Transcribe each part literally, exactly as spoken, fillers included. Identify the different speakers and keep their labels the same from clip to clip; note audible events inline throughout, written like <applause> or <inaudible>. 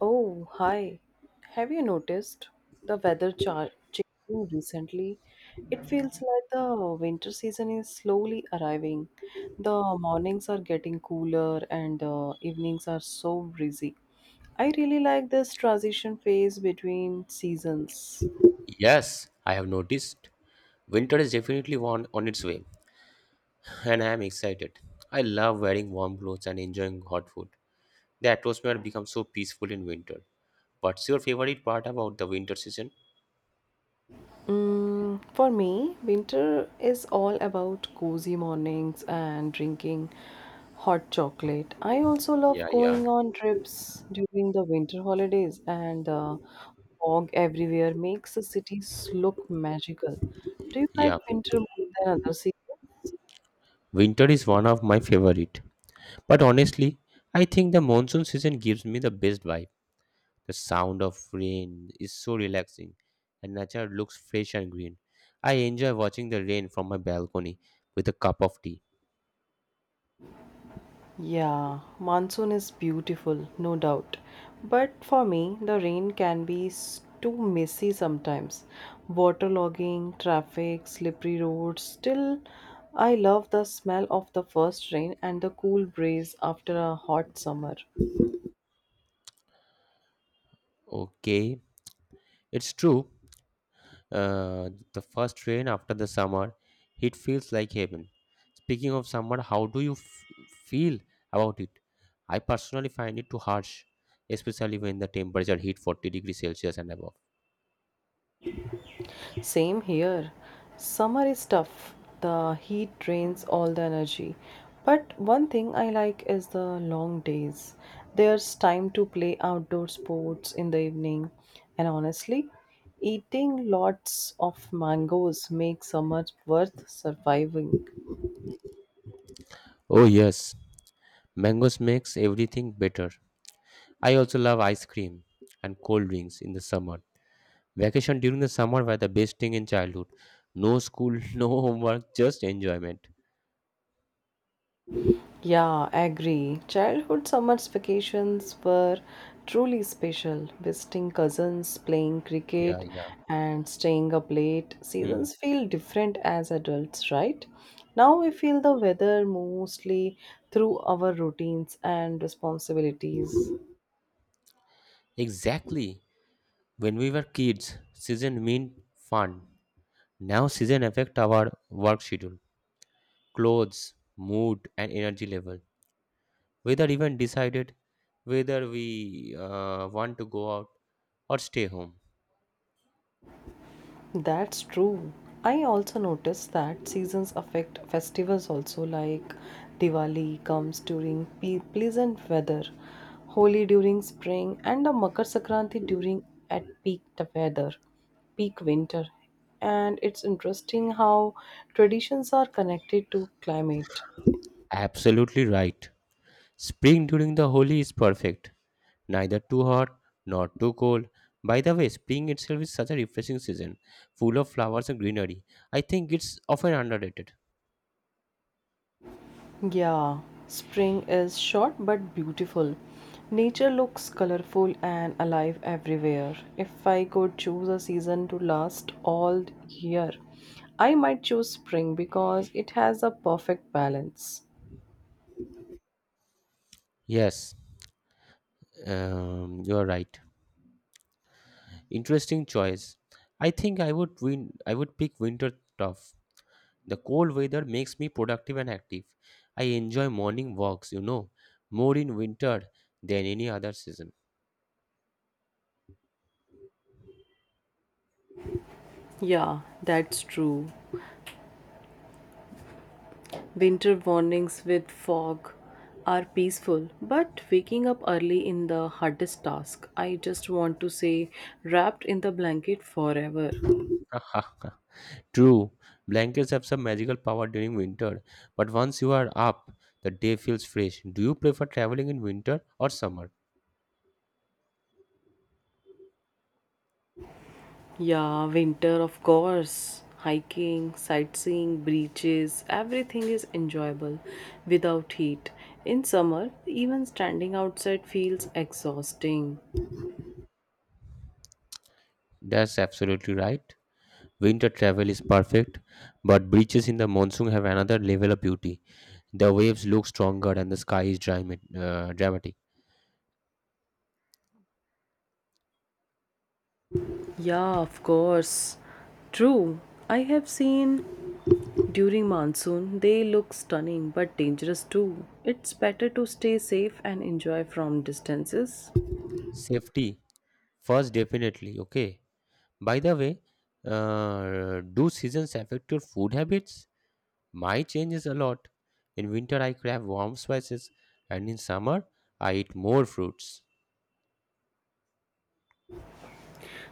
Speaker 1: Oh, hi. Have you noticed the weather chart changing recently? It feels like the winter season is slowly arriving. The mornings are getting cooler and the evenings are so breezy. I really like this transition phase between seasons.
Speaker 2: Yes, I have noticed. Winter is definitely on, on its way, and I am excited. I love wearing warm clothes and enjoying hot food. The atmosphere becomes so peaceful in winter. What's your favorite part about the winter season?
Speaker 1: Mm, for me, winter is all about cozy mornings and drinking hot chocolate. I also
Speaker 2: Yeah,
Speaker 1: love
Speaker 2: yeah,
Speaker 1: going on trips during the winter holidays, and the fog everywhere makes the cities look magical. Do you like
Speaker 2: yeah.
Speaker 1: winter more than other seasons?
Speaker 2: Winter is one of my favorite. But honestly, I think the monsoon season gives me the best vibe. The sound of rain is so relaxing, and nature looks fresh and green. I enjoy watching the rain from my balcony with a cup of tea.
Speaker 1: Yeah, monsoon is beautiful, no doubt. But for me, the rain can be s- too messy sometimes. Waterlogging, traffic, slippery roads. Still, I love the smell of the first rain and the cool breeze after a hot summer.
Speaker 2: Okay, it's true. Uh, the first rain after the summer, it feels like heaven. Speaking of summer, how do you f- feel about it? I personally find it too harsh, especially when the temperature hit forty degrees Celsius and above.
Speaker 1: Same here. Summer is tough. The heat drains all the energy. But one thing I like is the long days. There's time to play outdoor sports in the evening. And honestly, eating lots of mangoes makes summer worth surviving.
Speaker 2: Oh yes, mangoes makes everything better. I also love ice cream and cold drinks in the summer. Vacation during the summer were the best thing in childhood. No school, <laughs> no homework, just enjoyment.
Speaker 1: Yeah, agree. Childhood summer's vacations were truly special. Visiting cousins, playing
Speaker 2: Yeah,
Speaker 1: cricket,
Speaker 2: yeah.
Speaker 1: and staying up late.
Speaker 2: Hmm.
Speaker 1: Seasons feel different as adults, right? Now we feel the weather mostly through our routines and responsibilities.
Speaker 2: Exactly. When we were kids, season meant fun. Now season affect our work schedule, clothes, mood and energy level. Whether even decided whether we uh, want to go out or stay home.
Speaker 1: That's true. I also noticed that seasons affect festivals also like Diwali comes during pe- pleasant weather, Holi during spring and the Makar Sankranti during at peak the weather, peak winter. And it's interesting how traditions are connected to climate.
Speaker 2: Absolutely right. Spring during the Holi is perfect. Neither too hot nor too cold. By the way, spring itself is such a refreshing season, full of flowers and greenery. I think it's often underrated.
Speaker 1: Yeah, spring is short but beautiful. Nature looks colorful and alive everywhere. If I could choose a season to last all year, I might choose spring because it has a perfect balance.
Speaker 2: Yes, um, you are right. Interesting choice. I think I would win I would pick winter tough. The cold weather makes me productive and active. I enjoy morning walks, you know, more in winter than any other season.
Speaker 1: Yeah, that's true. Winter mornings with fog are peaceful, but waking up early in the hardest task. I just want to say, wrapped in the blanket forever.
Speaker 2: <laughs> True, blankets have some magical power during winter, but once you are up, the day feels fresh. Do you prefer traveling in winter or summer?
Speaker 1: Yeah, winter, of course. Hiking, sightseeing, beaches, everything is enjoyable without heat. In summer, even standing outside feels exhausting.
Speaker 2: That's absolutely right. Winter travel is perfect, but beaches in the monsoon have another level of beauty. The waves look stronger and the sky is drama- uh, dramatic.
Speaker 1: Yeah, of course. True. I have seen during monsoon they look stunning but dangerous too. It's better to stay safe and enjoy from distances.
Speaker 2: Safety first, definitely. Okay. By the way, uh, do seasons affect your food habits? My changes a lot. In winter, I crave warm spices, and in summer, I eat more fruits.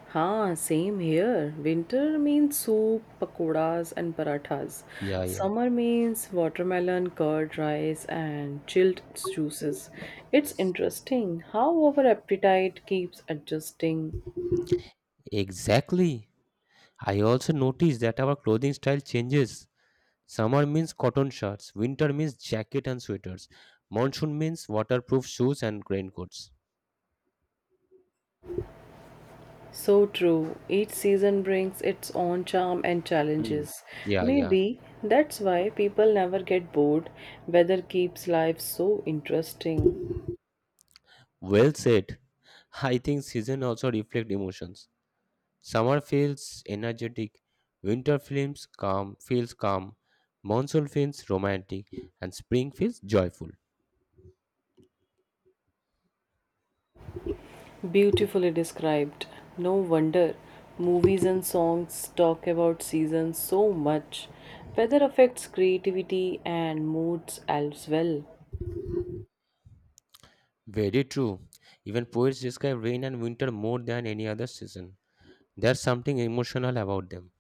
Speaker 1: Huh, same here. Winter means soup, pakoras, and parathas.
Speaker 2: Yeah, yeah.
Speaker 1: Summer means watermelon, curd, rice, and chilled juices. It's
Speaker 2: Yes.
Speaker 1: interesting how our appetite keeps adjusting.
Speaker 2: Exactly. I also notice that our clothing style changes. Summer means cotton shirts, winter means jacket and sweaters, monsoon means waterproof shoes and raincoats.
Speaker 1: So true. Each season brings its own charm and
Speaker 2: Mm.
Speaker 1: challenges.
Speaker 2: Yeah, yeah.
Speaker 1: Maybe that's why people never get bored. Weather keeps life so interesting.
Speaker 2: Well said. I think season also reflect emotions. Summer feels energetic, winter feels calm, feels calm, monsoon feels romantic, and spring feels joyful.
Speaker 1: Beautifully described. No wonder movies and songs talk about seasons so much. Weather affects creativity and moods as well.
Speaker 2: Very true. Even poets describe rain and winter more than any other season. There's something emotional about them.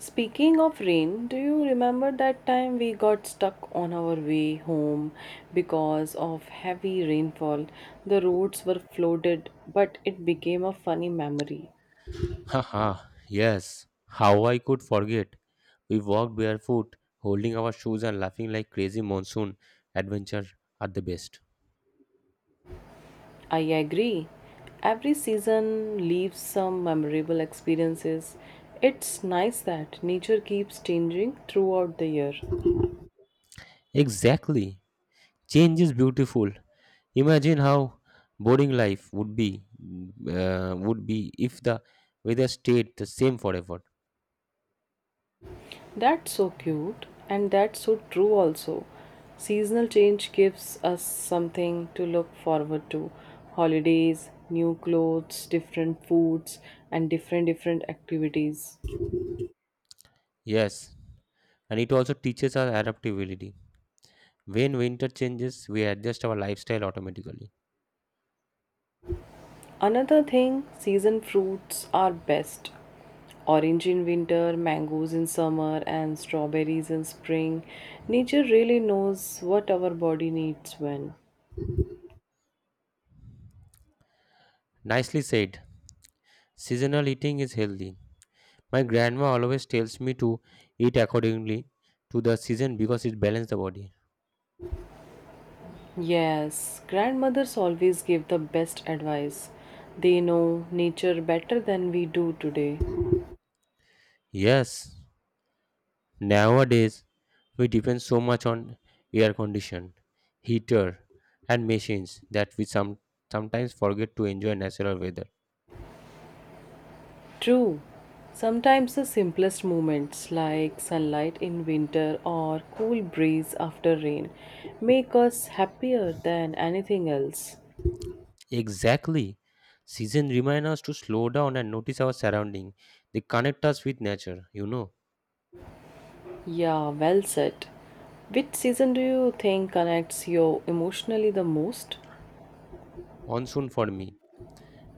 Speaker 1: Speaking of rain, do you remember that time we got stuck on our way home because of heavy rainfall? The roads were flooded, but it became a funny memory.
Speaker 2: Haha, yes. How I could forget. We walked barefoot, holding our shoes and laughing like crazy monsoon. Adventure at the best.
Speaker 1: I agree. Every season leaves some memorable experiences. It's nice that nature keeps changing throughout the year.
Speaker 2: Exactly. Change is beautiful. Imagine how boring life would be uh, would be if the weather stayed the same forever.
Speaker 1: That's so cute and that's so true also. Seasonal change gives us something to look forward to. Holidays, new clothes, different foods and different different activities.
Speaker 2: Yes. And it also teaches us adaptability. When winter changes, we adjust our lifestyle automatically.
Speaker 1: Another thing, season fruits are best. Orange in winter, mangoes in summer, and strawberries in spring. Nature really knows what our body needs when.
Speaker 2: Nicely said. Seasonal eating is healthy. My grandma always tells me to eat accordingly to the season because it balances the body.
Speaker 1: Yes, grandmothers always give the best advice. They know nature better than we do today.
Speaker 2: Yes. Nowadays, we depend so much on air condition, heater, and machines that we some, sometimes forget to enjoy natural weather.
Speaker 1: True, sometimes the simplest moments like sunlight in winter or cool breeze after rain make us happier than anything else.
Speaker 2: Exactly. Season remind us to slow down and notice our surrounding. They connect us with nature, you know.
Speaker 1: Yeah, well said. Which season do you think connects you emotionally the most?
Speaker 2: Monsoon for me.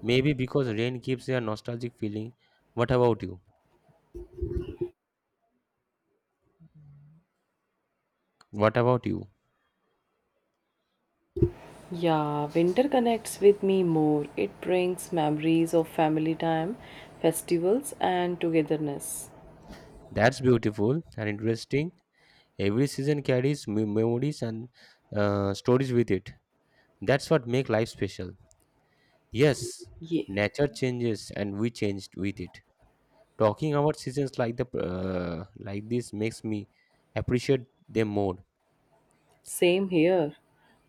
Speaker 2: Maybe because rain gives a nostalgic feeling. What about you? What about you?
Speaker 1: Yeah, winter connects with me more. It brings memories of family time, festivals, and togetherness.
Speaker 2: That's beautiful and interesting. Every season carries me- memories and uh, stories with it. That's what make life special. Yes,
Speaker 1: Yeah,
Speaker 2: nature changes and we changed with it. Talking about seasons like the uh, like this makes me appreciate them more.
Speaker 1: same here.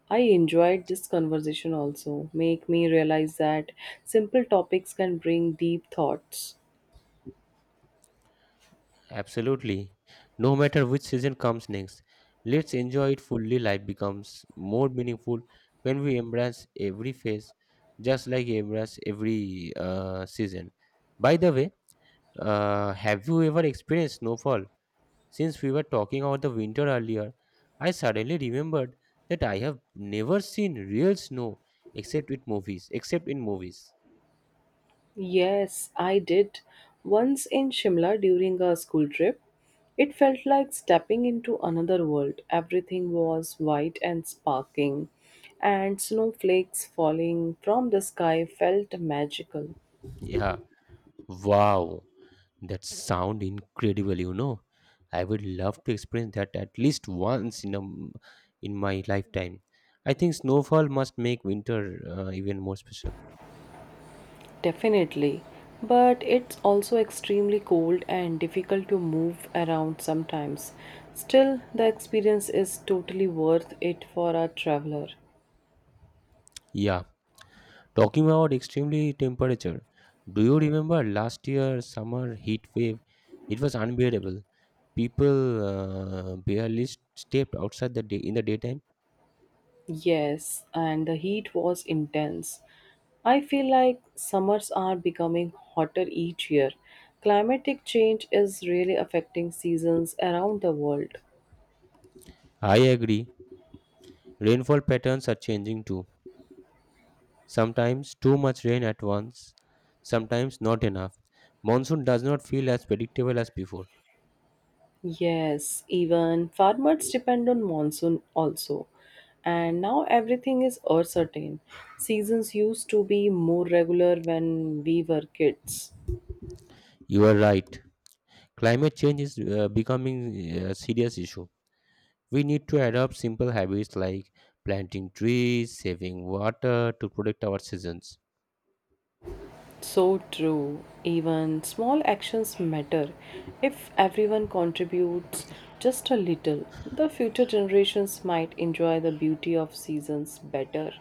Speaker 1: I enjoyed this conversation also. Make me realize that simple topics can bring deep thoughts.
Speaker 2: Absolutely. No matter which season comes next, let's enjoy it fully. Life becomes more meaningful when we embrace every phase, just like embrace every uh, season. By the way, uh, have you ever experienced snowfall? Since we were talking about the winter earlier, I suddenly remembered that I have never seen real snow except with movies, except in movies.
Speaker 1: Yes, I did. Once in Shimla during a school trip, it felt like stepping into another world. Everything was white and sparkling, and snowflakes falling from the sky felt magical.
Speaker 2: Yeah. Wow. That sound incredible, you know. I would love to experience that at least once in a, m- in my lifetime. I think snowfall must make winter uh, even more special.
Speaker 1: Definitely. But it's also extremely cold and difficult to move around sometimes. Still, the experience is totally worth it for a traveler.
Speaker 2: Yeah. Talking about extremely temperature, do you remember last year summer heat wave? It was unbearable. People uh, barely s- stepped outside the day in the daytime.
Speaker 1: Yes, and the heat was intense. I feel like summers are becoming hotter each year. Climatic change is really affecting seasons around the world.
Speaker 2: I agree, rainfall patterns are changing too. Sometimes too much rain at once, sometimes not enough. Monsoon does not feel as predictable as before.
Speaker 1: Yes, even farmers depend on monsoon also. And now everything is uncertain. Seasons used to be more regular when we were kids.
Speaker 2: You are right, climate change is uh, becoming a serious issue. We need to adopt simple habits like planting trees, saving water to protect our seasons.
Speaker 1: So true. Even small actions matter. If everyone contributes just a little, the future generations might enjoy the beauty of seasons better.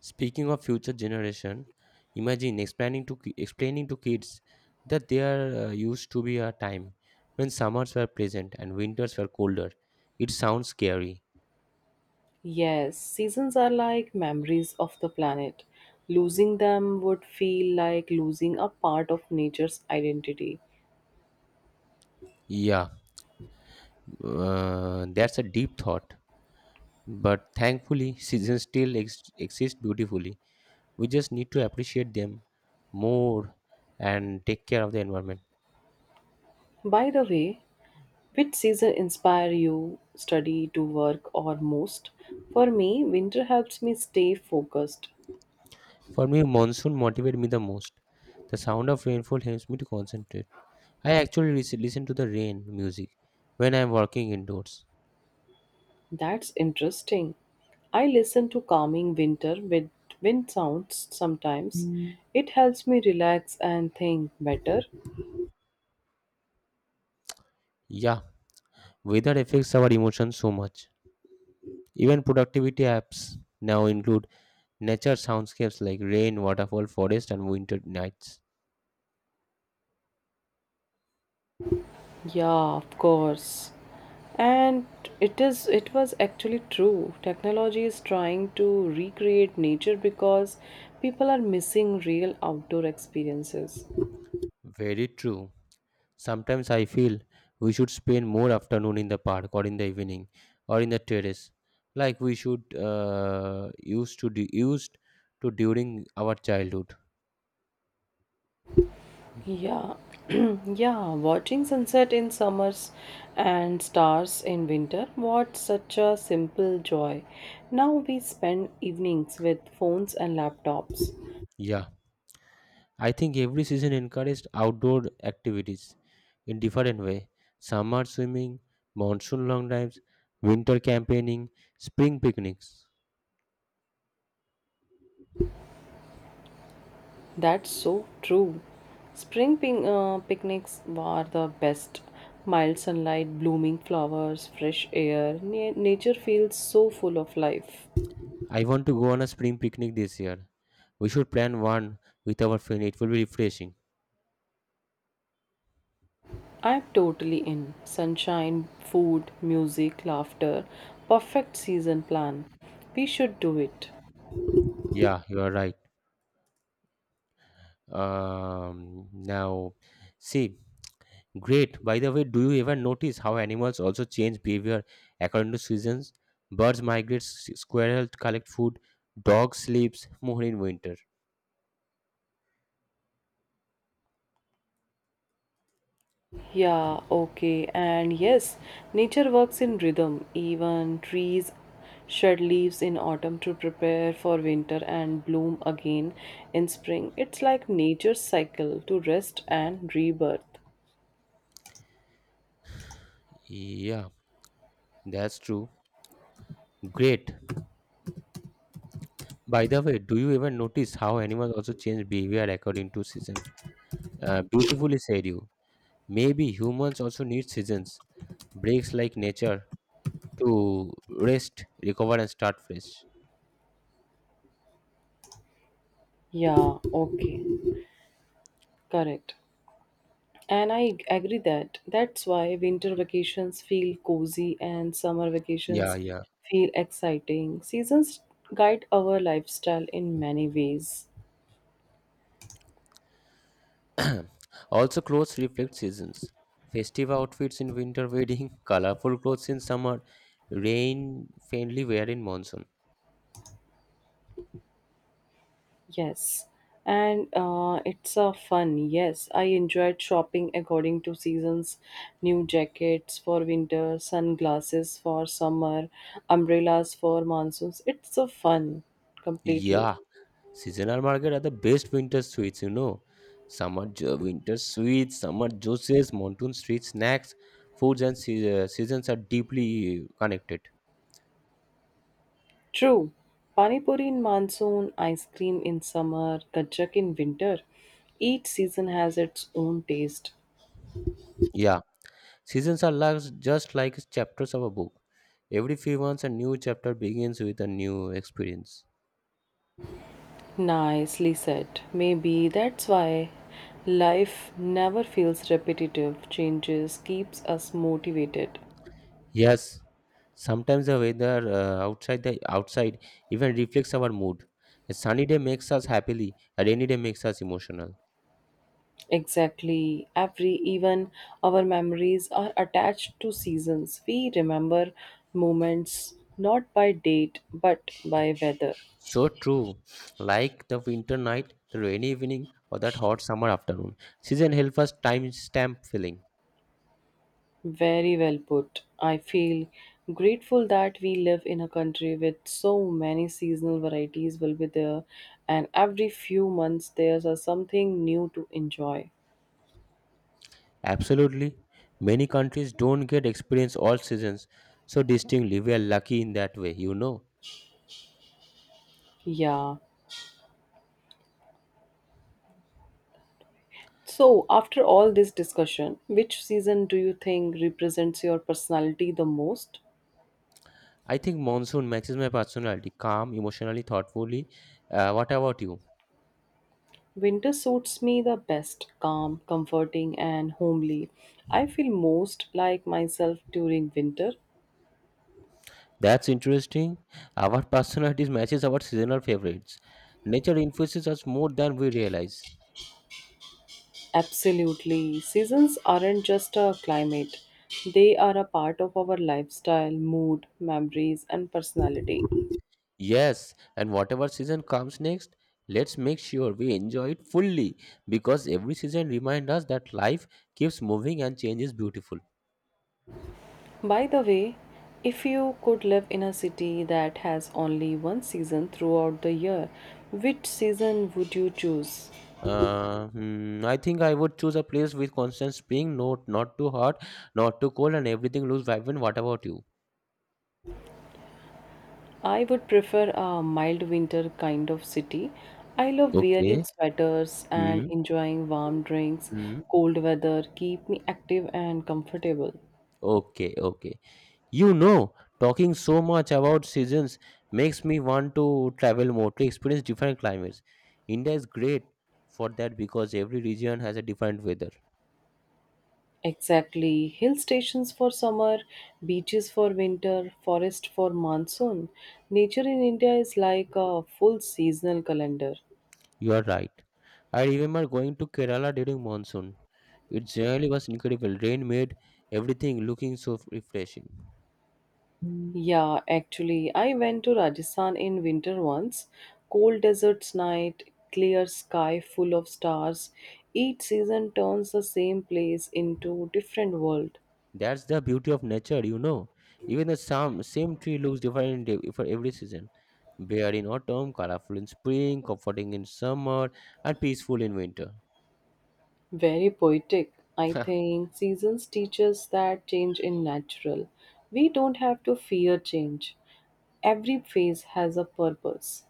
Speaker 2: Speaking of future generation, imagine explaining to ki- explaining to kids that there uh, used to be a time when summers were pleasant and winters were colder. It sounds scary.
Speaker 1: Yes, seasons are like memories of the planet. Losing them would feel like losing a part of nature's identity.
Speaker 2: Yeah, uh, that's a deep thought. But thankfully, <laughs> seasons still ex- exist beautifully. We just need to appreciate them more and take care of the environment.
Speaker 1: By the way, which season inspire you study to work or most? For me, winter helps me stay focused.
Speaker 2: For me, monsoon motivates me the most. The sound of rainfall helps me to concentrate. I actually lis- listen to the rain music when I'm working indoors.
Speaker 1: That's interesting. I listen to calming winter with wind sounds sometimes. Mm. It helps me relax and think better.
Speaker 2: Yeah, weather affects our emotions so much. Even productivity apps now include nature soundscapes like rain, waterfall, forest, and winter nights.
Speaker 1: Yeah, of course. And it is it was actually true. Technology is trying to recreate nature because people are missing real outdoor experiences.
Speaker 2: Very true. Sometimes I feel we should spend more afternoon in the park or in the evening or in the terrace, like we should uh, used to do, used to during our childhood.
Speaker 1: Yeah, <clears throat> yeah, watching sunset in summers and stars in winter, what such a simple joy. Now we spend evenings with phones and laptops.
Speaker 2: Yeah. I think every season encouraged outdoor activities in different way. Summer swimming, monsoon long drives, winter campaigning, spring picnics.
Speaker 1: That's so true. Spring pin- uh, picnics were the best. Mild sunlight, blooming flowers, fresh air. Na- nature feels so full of life.
Speaker 2: I want to go on a spring picnic this year. We should plan one with our friend. It will be refreshing.
Speaker 1: I'm totally in. Sunshine, food, music, laughter. Perfect season plan. We should do it.
Speaker 2: Yeah, you are right. Um, now, see, great. By the way, do you ever notice how animals also change behavior according to seasons? Birds migrate, s- squirrels collect food, dog sleeps more in winter.
Speaker 1: Yeah, okay. And yes, nature works in rhythm. Even trees shed leaves in autumn to prepare for winter and bloom again in spring. It's like nature's cycle to rest and rebirth.
Speaker 2: Yeah, that's true. Great. By the way, do you ever notice how animals also change behavior according to season? Uh, beautifully said you. Maybe humans also need seasons, breaks like nature to rest, recover, and start fresh.
Speaker 1: Yeah, okay. Correct. And I ag- agree that that's why winter vacations feel cozy and summer
Speaker 2: Yeah,
Speaker 1: vacations
Speaker 2: yeah.
Speaker 1: feel exciting. Seasons guide our lifestyle in many ways.
Speaker 2: <clears throat> Also, clothes reflect seasons. Festive outfits in winter wedding, <laughs> colorful clothes in summer, rain friendly wear in monsoon.
Speaker 1: Yes. And uh, it's a fun. Yes, I enjoyed shopping according to seasons. New jackets for winter, sunglasses for summer, umbrellas for monsoons. It's a fun completely.
Speaker 2: Yeah, seasonal market are the best winter sweets, you know. Summer jo- winter sweets, summer juices, monsoon street snacks, foods and se- uh, seasons are deeply connected.
Speaker 1: True. Panipuri in monsoon, ice cream in summer, kajak in winter. Each season has its own taste.
Speaker 2: Yeah, seasons are like, just like chapters of a book. Every few months, a new chapter begins with a new experience.
Speaker 1: Nicely said. Maybe that's why life never feels repetitive. Changes keeps us motivated.
Speaker 2: Yes, sometimes the weather uh, outside the outside even reflects our mood. A sunny day makes us happily, a rainy day makes us emotional.
Speaker 1: Exactly. Every even our memories are attached to seasons. We remember moments not by date but by weather.
Speaker 2: So true. Like the winter night, the rainy evening, or that hot summer afternoon. Season help us timestamp feeling.
Speaker 1: Very well put. I feel grateful that we live in a country with so many seasonal varieties will be there and every few months there's a something new to enjoy.
Speaker 2: Absolutely. Many countries don't get experience all seasons so distinctly. We are lucky in that way, you know.
Speaker 1: Yeah. So, after all this discussion, which season do you think represents your personality the most?
Speaker 2: I think monsoon matches my personality, calm, emotionally, thoughtfully. Uh, what about you?
Speaker 1: Winter suits me the best, calm, comforting, and homely. I feel most like myself during winter.
Speaker 2: That's interesting. Our <laughs> personalities matches our seasonal favorites. Nature influences us more than we realize.
Speaker 1: Absolutely. Seasons aren't just a climate, they are a part of our lifestyle, mood, memories, and personality.
Speaker 2: Yes, and whatever season comes next, let's make sure we enjoy it fully because every season reminds us that life keeps moving and change is beautiful.
Speaker 1: By the way, if you could live in a city that has only one season throughout the year, which season would you choose?
Speaker 2: Uh, hmm, I think I would choose a place with constant spring, not not too hot, not too cold, and everything looks vibrant. What about you?
Speaker 1: I would prefer a mild winter kind of city. I love wearing
Speaker 2: Okay.
Speaker 1: sweaters and
Speaker 2: Hmm.
Speaker 1: enjoying warm drinks.
Speaker 2: Hmm.
Speaker 1: Cold weather keep me active and comfortable.
Speaker 2: Okay. Okay. You know, talking so much about seasons makes me want to travel more to experience different climates. India is great for that because every region has a different weather.
Speaker 1: Exactly. Hill stations for summer, beaches for winter, forest for monsoon. Nature in India is like a full seasonal calendar.
Speaker 2: You are right. I remember going to Kerala during monsoon. It generally was incredible. Rain made everything looking so refreshing.
Speaker 1: Yeah, actually, I went to Rajasthan in winter once. Cold deserts night, clear sky full of stars. Each season turns the same place into different world.
Speaker 2: That's the beauty of nature, you know. Even the same, same tree looks different in de- for every season. Bare in autumn, colorful in spring, comforting in summer, and peaceful in winter.
Speaker 1: Very poetic. I
Speaker 2: <laughs>
Speaker 1: think seasons teach us that change in natural. We don't have to fear change. Every phase has a purpose,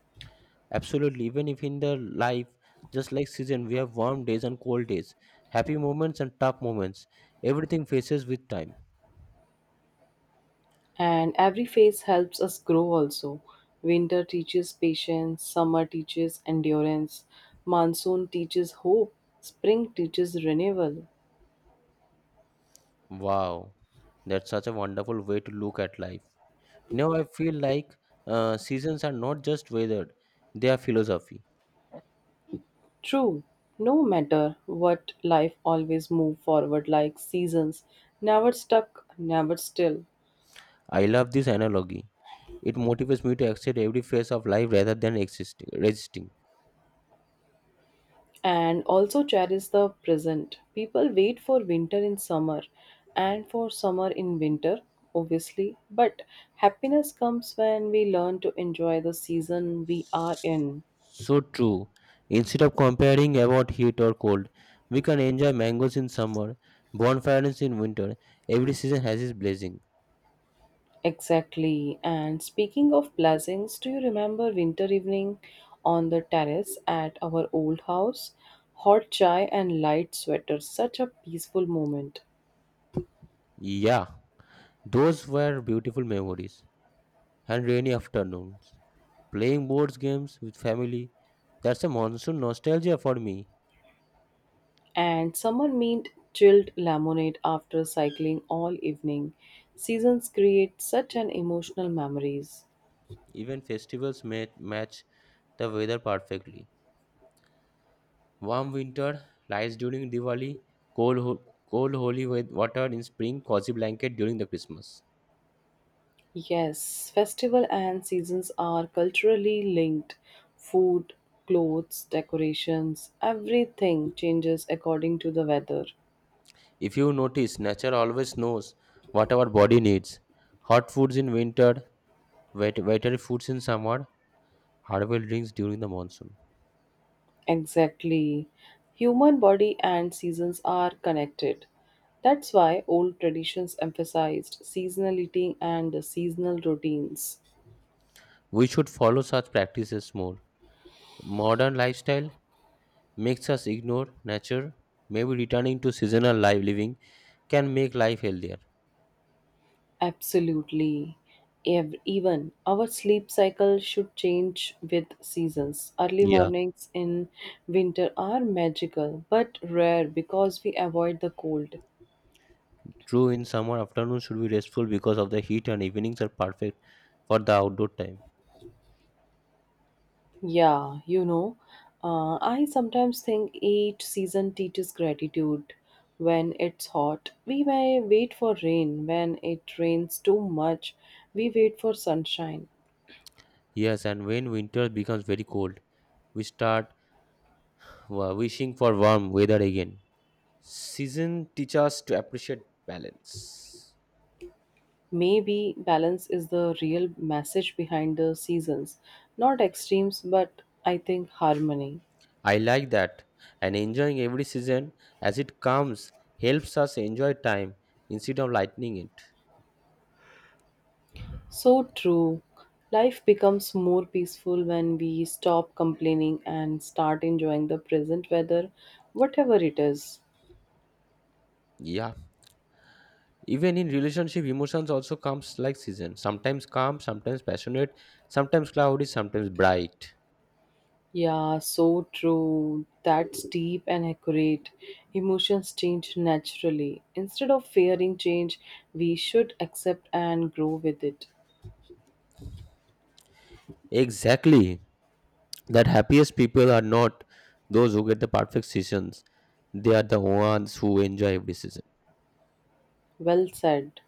Speaker 2: Absolutely, even if in the life, just like season, we have warm days and cold days, happy moments and tough moments. Everything faces with time.
Speaker 1: and every phase helps us grow also. Winter teaches patience, summer teaches endurance, monsoon teaches hope, spring teaches renewal.
Speaker 2: Wow, that's such a wonderful way to look at life. Now I feel like uh, seasons are not just weather; they are philosophy.
Speaker 1: True, no matter what, life always move forward like seasons, never stuck, never still.
Speaker 2: I love this analogy. It motivates me to accept every phase of life rather than existing, resisting.
Speaker 1: And also cherish the present. People wait for winter in summer and for summer in winter, obviously, but happiness comes when we learn to enjoy the season we are in.
Speaker 2: So true. Instead of comparing about heat or cold, we can enjoy mangoes in summer, bonfires in winter. Every season has its blessing.
Speaker 1: Exactly. And speaking of blessings, do you remember winter evening on the terrace at our old house? Hot chai and light sweater, such a peaceful moment.
Speaker 2: Yeah, those were beautiful memories and rainy afternoons. Playing board games with family, that's a monsoon nostalgia for me.
Speaker 1: And someone meant chilled lemonade after cycling all evening. Seasons create such an emotional memories.
Speaker 2: Even festivals ma- match the weather perfectly. Warm winter lights during Diwali, cold, ho- cold holy wa- water in spring, cozy blanket during the Christmas.
Speaker 1: Yes, festival and seasons are culturally linked. Food, clothes, decorations, everything changes according to the weather.
Speaker 2: If you notice, nature always knows what our body needs. Hot foods in winter, wet, wetter foods in summer, herbal drinks during the monsoon.
Speaker 1: Exactly. Human body and seasons are connected. That's why old traditions emphasized seasonality and seasonal routines.
Speaker 2: We should follow such practices more. Modern lifestyle makes us ignore nature. Maybe returning to seasonal life living can make life healthier.
Speaker 1: Absolutely. Ev- Even our sleep cycle should change with seasons. Early
Speaker 2: Yeah,
Speaker 1: mornings in winter are magical but rare because we avoid the cold.
Speaker 2: true. In summer, afternoons should be restful because of the heat, and evenings are perfect for the outdoor time.
Speaker 1: Yeah, you know, uh, I sometimes think each season teaches gratitude. When it's hot, we may wait for rain. When it rains too much, we wait for sunshine.
Speaker 2: Yes, and when winter becomes very cold, we start Wa- wishing for warm weather again. Season teach us to appreciate balance.
Speaker 1: Maybe balance is the real message behind the seasons, not extremes, but I think harmony.
Speaker 2: I like that, and enjoying every season as it comes helps us enjoy time instead of lightening it.
Speaker 1: So true. Life becomes more peaceful when we stop complaining and start enjoying the present weather, whatever it is.
Speaker 2: Yeah. Even in relationship, emotions also comes like season. Sometimes calm, sometimes passionate, sometimes cloudy, sometimes bright.
Speaker 1: Yeah, so true. That's deep and accurate. Emotions change naturally. Instead of fearing change, we should accept and grow with it.
Speaker 2: Exactly. That happiest people are not those who get the perfect seasons. They are the ones who enjoy every season.
Speaker 1: Well said.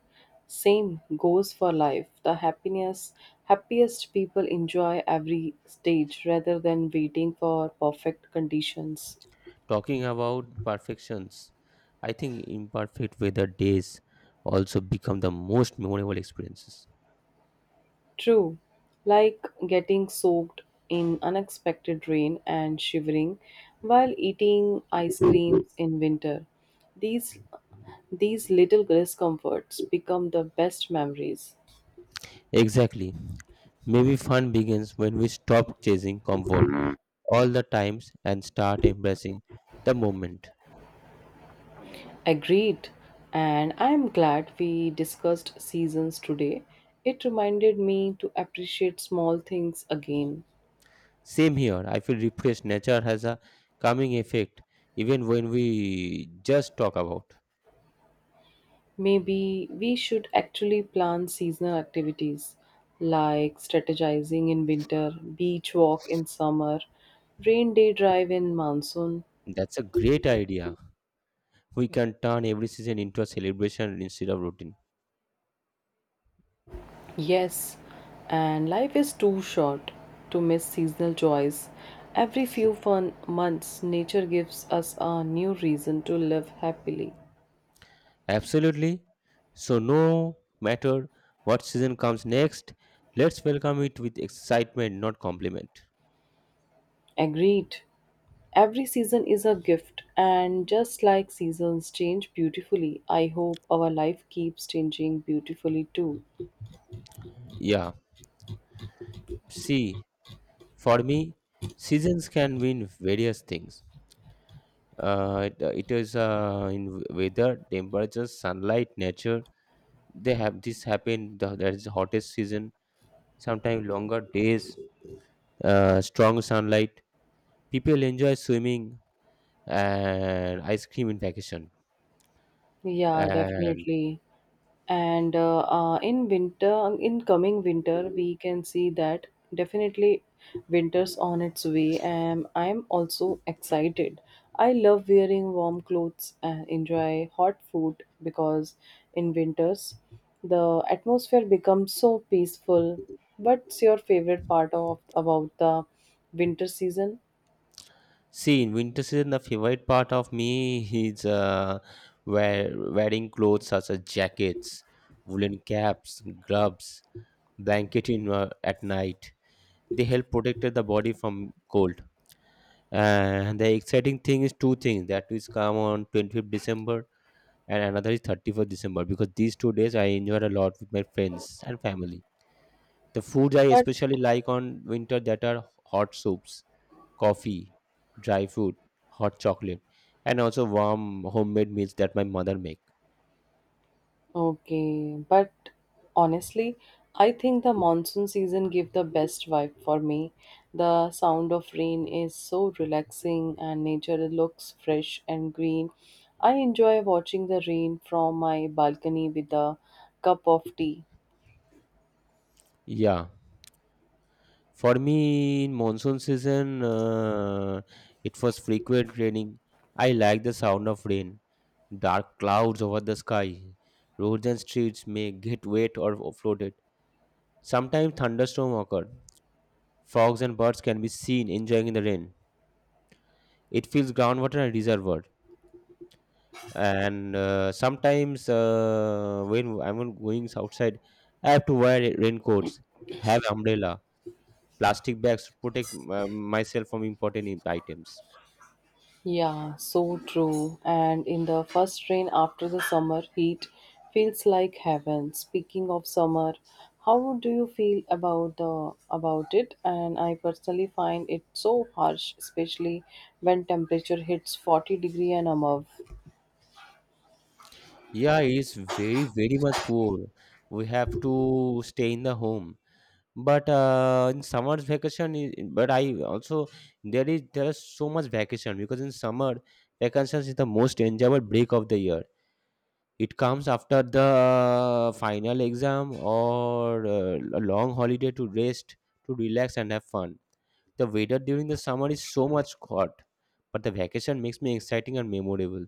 Speaker 1: Same goes for life. The happiness, happiest people enjoy every stage rather than waiting for perfect conditions.
Speaker 2: Talking about perfections, I think imperfect weather days also become the most memorable experiences.
Speaker 1: True, like getting soaked in unexpected rain and shivering while eating ice creams in winter. These these little discomforts become the best memories.
Speaker 2: Exactly. Maybe fun begins when we stop chasing comfort all the times and start embracing the moment.
Speaker 1: Agreed. And I am glad we discussed seasons today. It reminded me to appreciate small things again.
Speaker 2: Same here. I feel refreshed. Nature has a calming effect even when we just talk about.
Speaker 1: Maybe we should actually plan seasonal activities like strategizing in winter, beach walk in summer, rain day drive in monsoon.
Speaker 2: That's a great idea. We can turn every season into a celebration instead of routine.
Speaker 1: Yes, and life is too short to miss seasonal joys. Every few fun months, nature gives us a new reason to live happily.
Speaker 2: Absolutely. So, no matter what season comes next, let's welcome it with excitement, not compliment.
Speaker 1: Agreed. Every season is a gift, and just like seasons change beautifully, I hope our life keeps changing beautifully too.
Speaker 2: Yeah. See, for me, seasons can mean various things. Uh, it, uh, it is uh, in weather, temperature, sunlight, nature. They have this happen. The, there is the hottest season. Sometimes longer days, uh, strong sunlight. People enjoy swimming and ice cream in vacation.
Speaker 1: Yeah,
Speaker 2: And
Speaker 1: definitely. And uh, uh, in winter, in coming winter, we can see that definitely winter's on its way. And I'm also excited. I love wearing warm clothes and enjoy hot food because in winters, the atmosphere becomes so peaceful. What's your favorite part of about the winter season?
Speaker 2: see, in winter season, the favorite part of me is uh, wear, wearing clothes such as jackets, woolen caps, gloves, blanket in uh, at night. They help protect the body from cold. And the exciting thing is two things. That is come on twenty-fifth December and another is thirty-first December because these two days I enjoy a lot with my friends and family. The foods I
Speaker 1: But
Speaker 2: especially like on winter that are hot soups, coffee, dry food, hot chocolate, and also warm homemade meals that my mother make.
Speaker 1: okay, but honestly, I think the monsoon season give the best vibe for me. The sound of rain is so relaxing and nature looks fresh and green. I enjoy watching the rain from my balcony with a cup of tea.
Speaker 2: Yeah, for me in monsoon season, uh, it was frequent raining. I like the sound of rain, dark clouds over the sky. Roads and streets may get wet or flooded. Sometimes thunderstorms occur. Frogs and birds can be seen enjoying in the rain. It fills groundwater and reservoirs. And uh, sometimes uh, when I'm going outside, I have to wear ra- raincoats, have umbrella, plastic bags to protect uh, myself from important im- items.
Speaker 1: Yeah, so true. And in the first rain after the summer heat feels like heaven. Speaking of summer, how do you feel about the about it? And I personally find it so harsh, especially when temperature hits forty degree and above.
Speaker 2: Yeah, it's very very much poor. We have to stay in the home. But uh, in summer's vacation, i- but I also there is there is so much vacation, because in summer vacations is the most enjoyable break of the year. It comes after the uh, final exam or uh, a long holiday to rest, to relax and have fun. The weather during the summer is so much hot, but the vacation makes me exciting and memorable.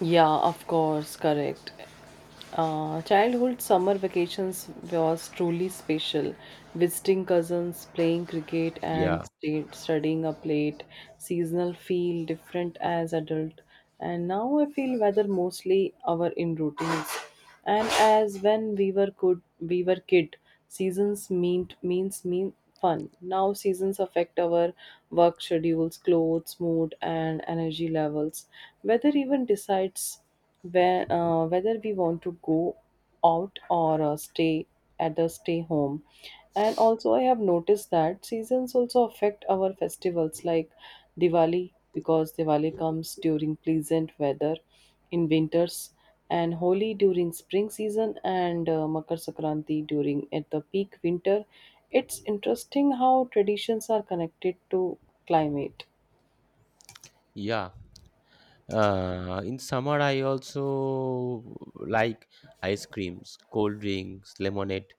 Speaker 1: Yeah, of course, correct. Uh, childhood summer vacations was truly special. Visiting cousins, playing cricket, and
Speaker 2: Yeah,
Speaker 1: stay, studying up late. Seasonal feel different as adult, and now I feel weather mostly our in routines. And as when we were good, we were kid. Seasons mean means mean fun. Now seasons affect our work schedules, clothes, mood, and energy levels. Weather even decides where, uh, whether we want to go out or uh, stay at the stay home. And also, I have noticed that seasons also affect our festivals like Diwali because Diwali comes during pleasant weather in winters, and Holi during spring season, and uh, Makar Sakranti during at the peak winter. It's interesting how traditions are connected to climate.
Speaker 2: yeah. Uh, in summer, I also like ice creams, cold drinks, lemonade,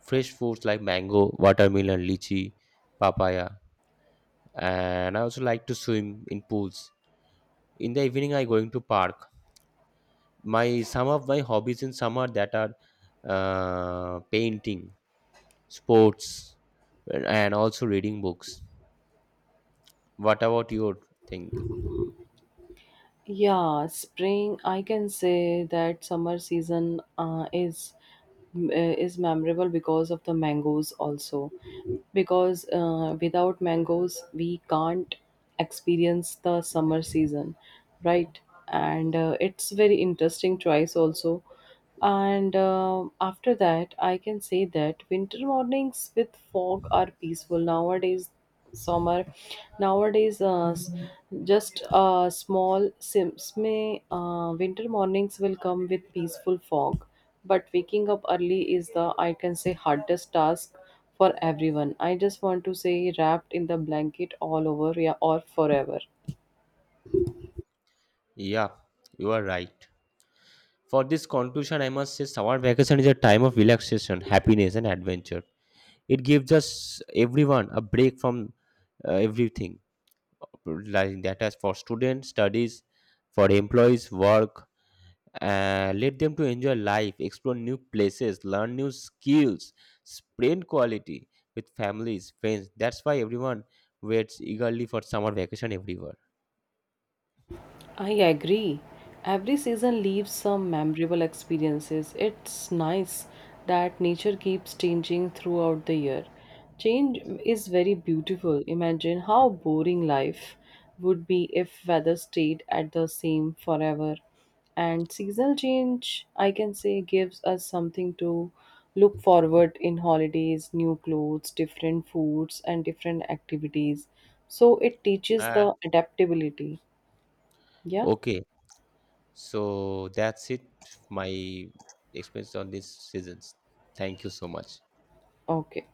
Speaker 2: fresh fruits like mango, watermelon, lychee, papaya, and I also like to swim in pools. In the evening, I going to park. My some of my hobbies in summer that are uh, painting, sports, and also reading books. What about your thinking?
Speaker 1: Yeah, spring. I can say that summer season uh, is uh, is memorable because of the mangoes also. Because uh, without mangoes, we can't experience the summer season, right? And uh, it's very interesting choice also. And um after that, I can say that winter mornings with fog are peaceful nowadays summer nowadays uh, s- just uh, small sims may uh, winter mornings will come with peaceful fog but waking up early is the I can say hardest task for everyone. I just want to say wrapped in the blanket all over yeah, or forever.
Speaker 2: Yeah, you are right. For this conclusion, I must say summer vacation is a time of relaxation, happiness and adventure. It gives us everyone a break from uh, everything like that, as for students studies, for employees work. Uh, let them to enjoy life, explore new places, learn new skills, spend quality with families, friends. That's why everyone waits eagerly for summer vacation everywhere.
Speaker 1: I agree. Every season leaves some memorable experiences. It's nice that nature keeps changing throughout the year. Change is very beautiful. Imagine how boring life would be if weather stayed at the same forever. And seasonal change, I can say, gives us something to look forward in holidays, new clothes, different foods and different activities. So it teaches
Speaker 2: uh,
Speaker 1: the adaptability. Yeah.
Speaker 2: okay so that's it, my experience on these seasons. Thank you so much.
Speaker 1: Okay.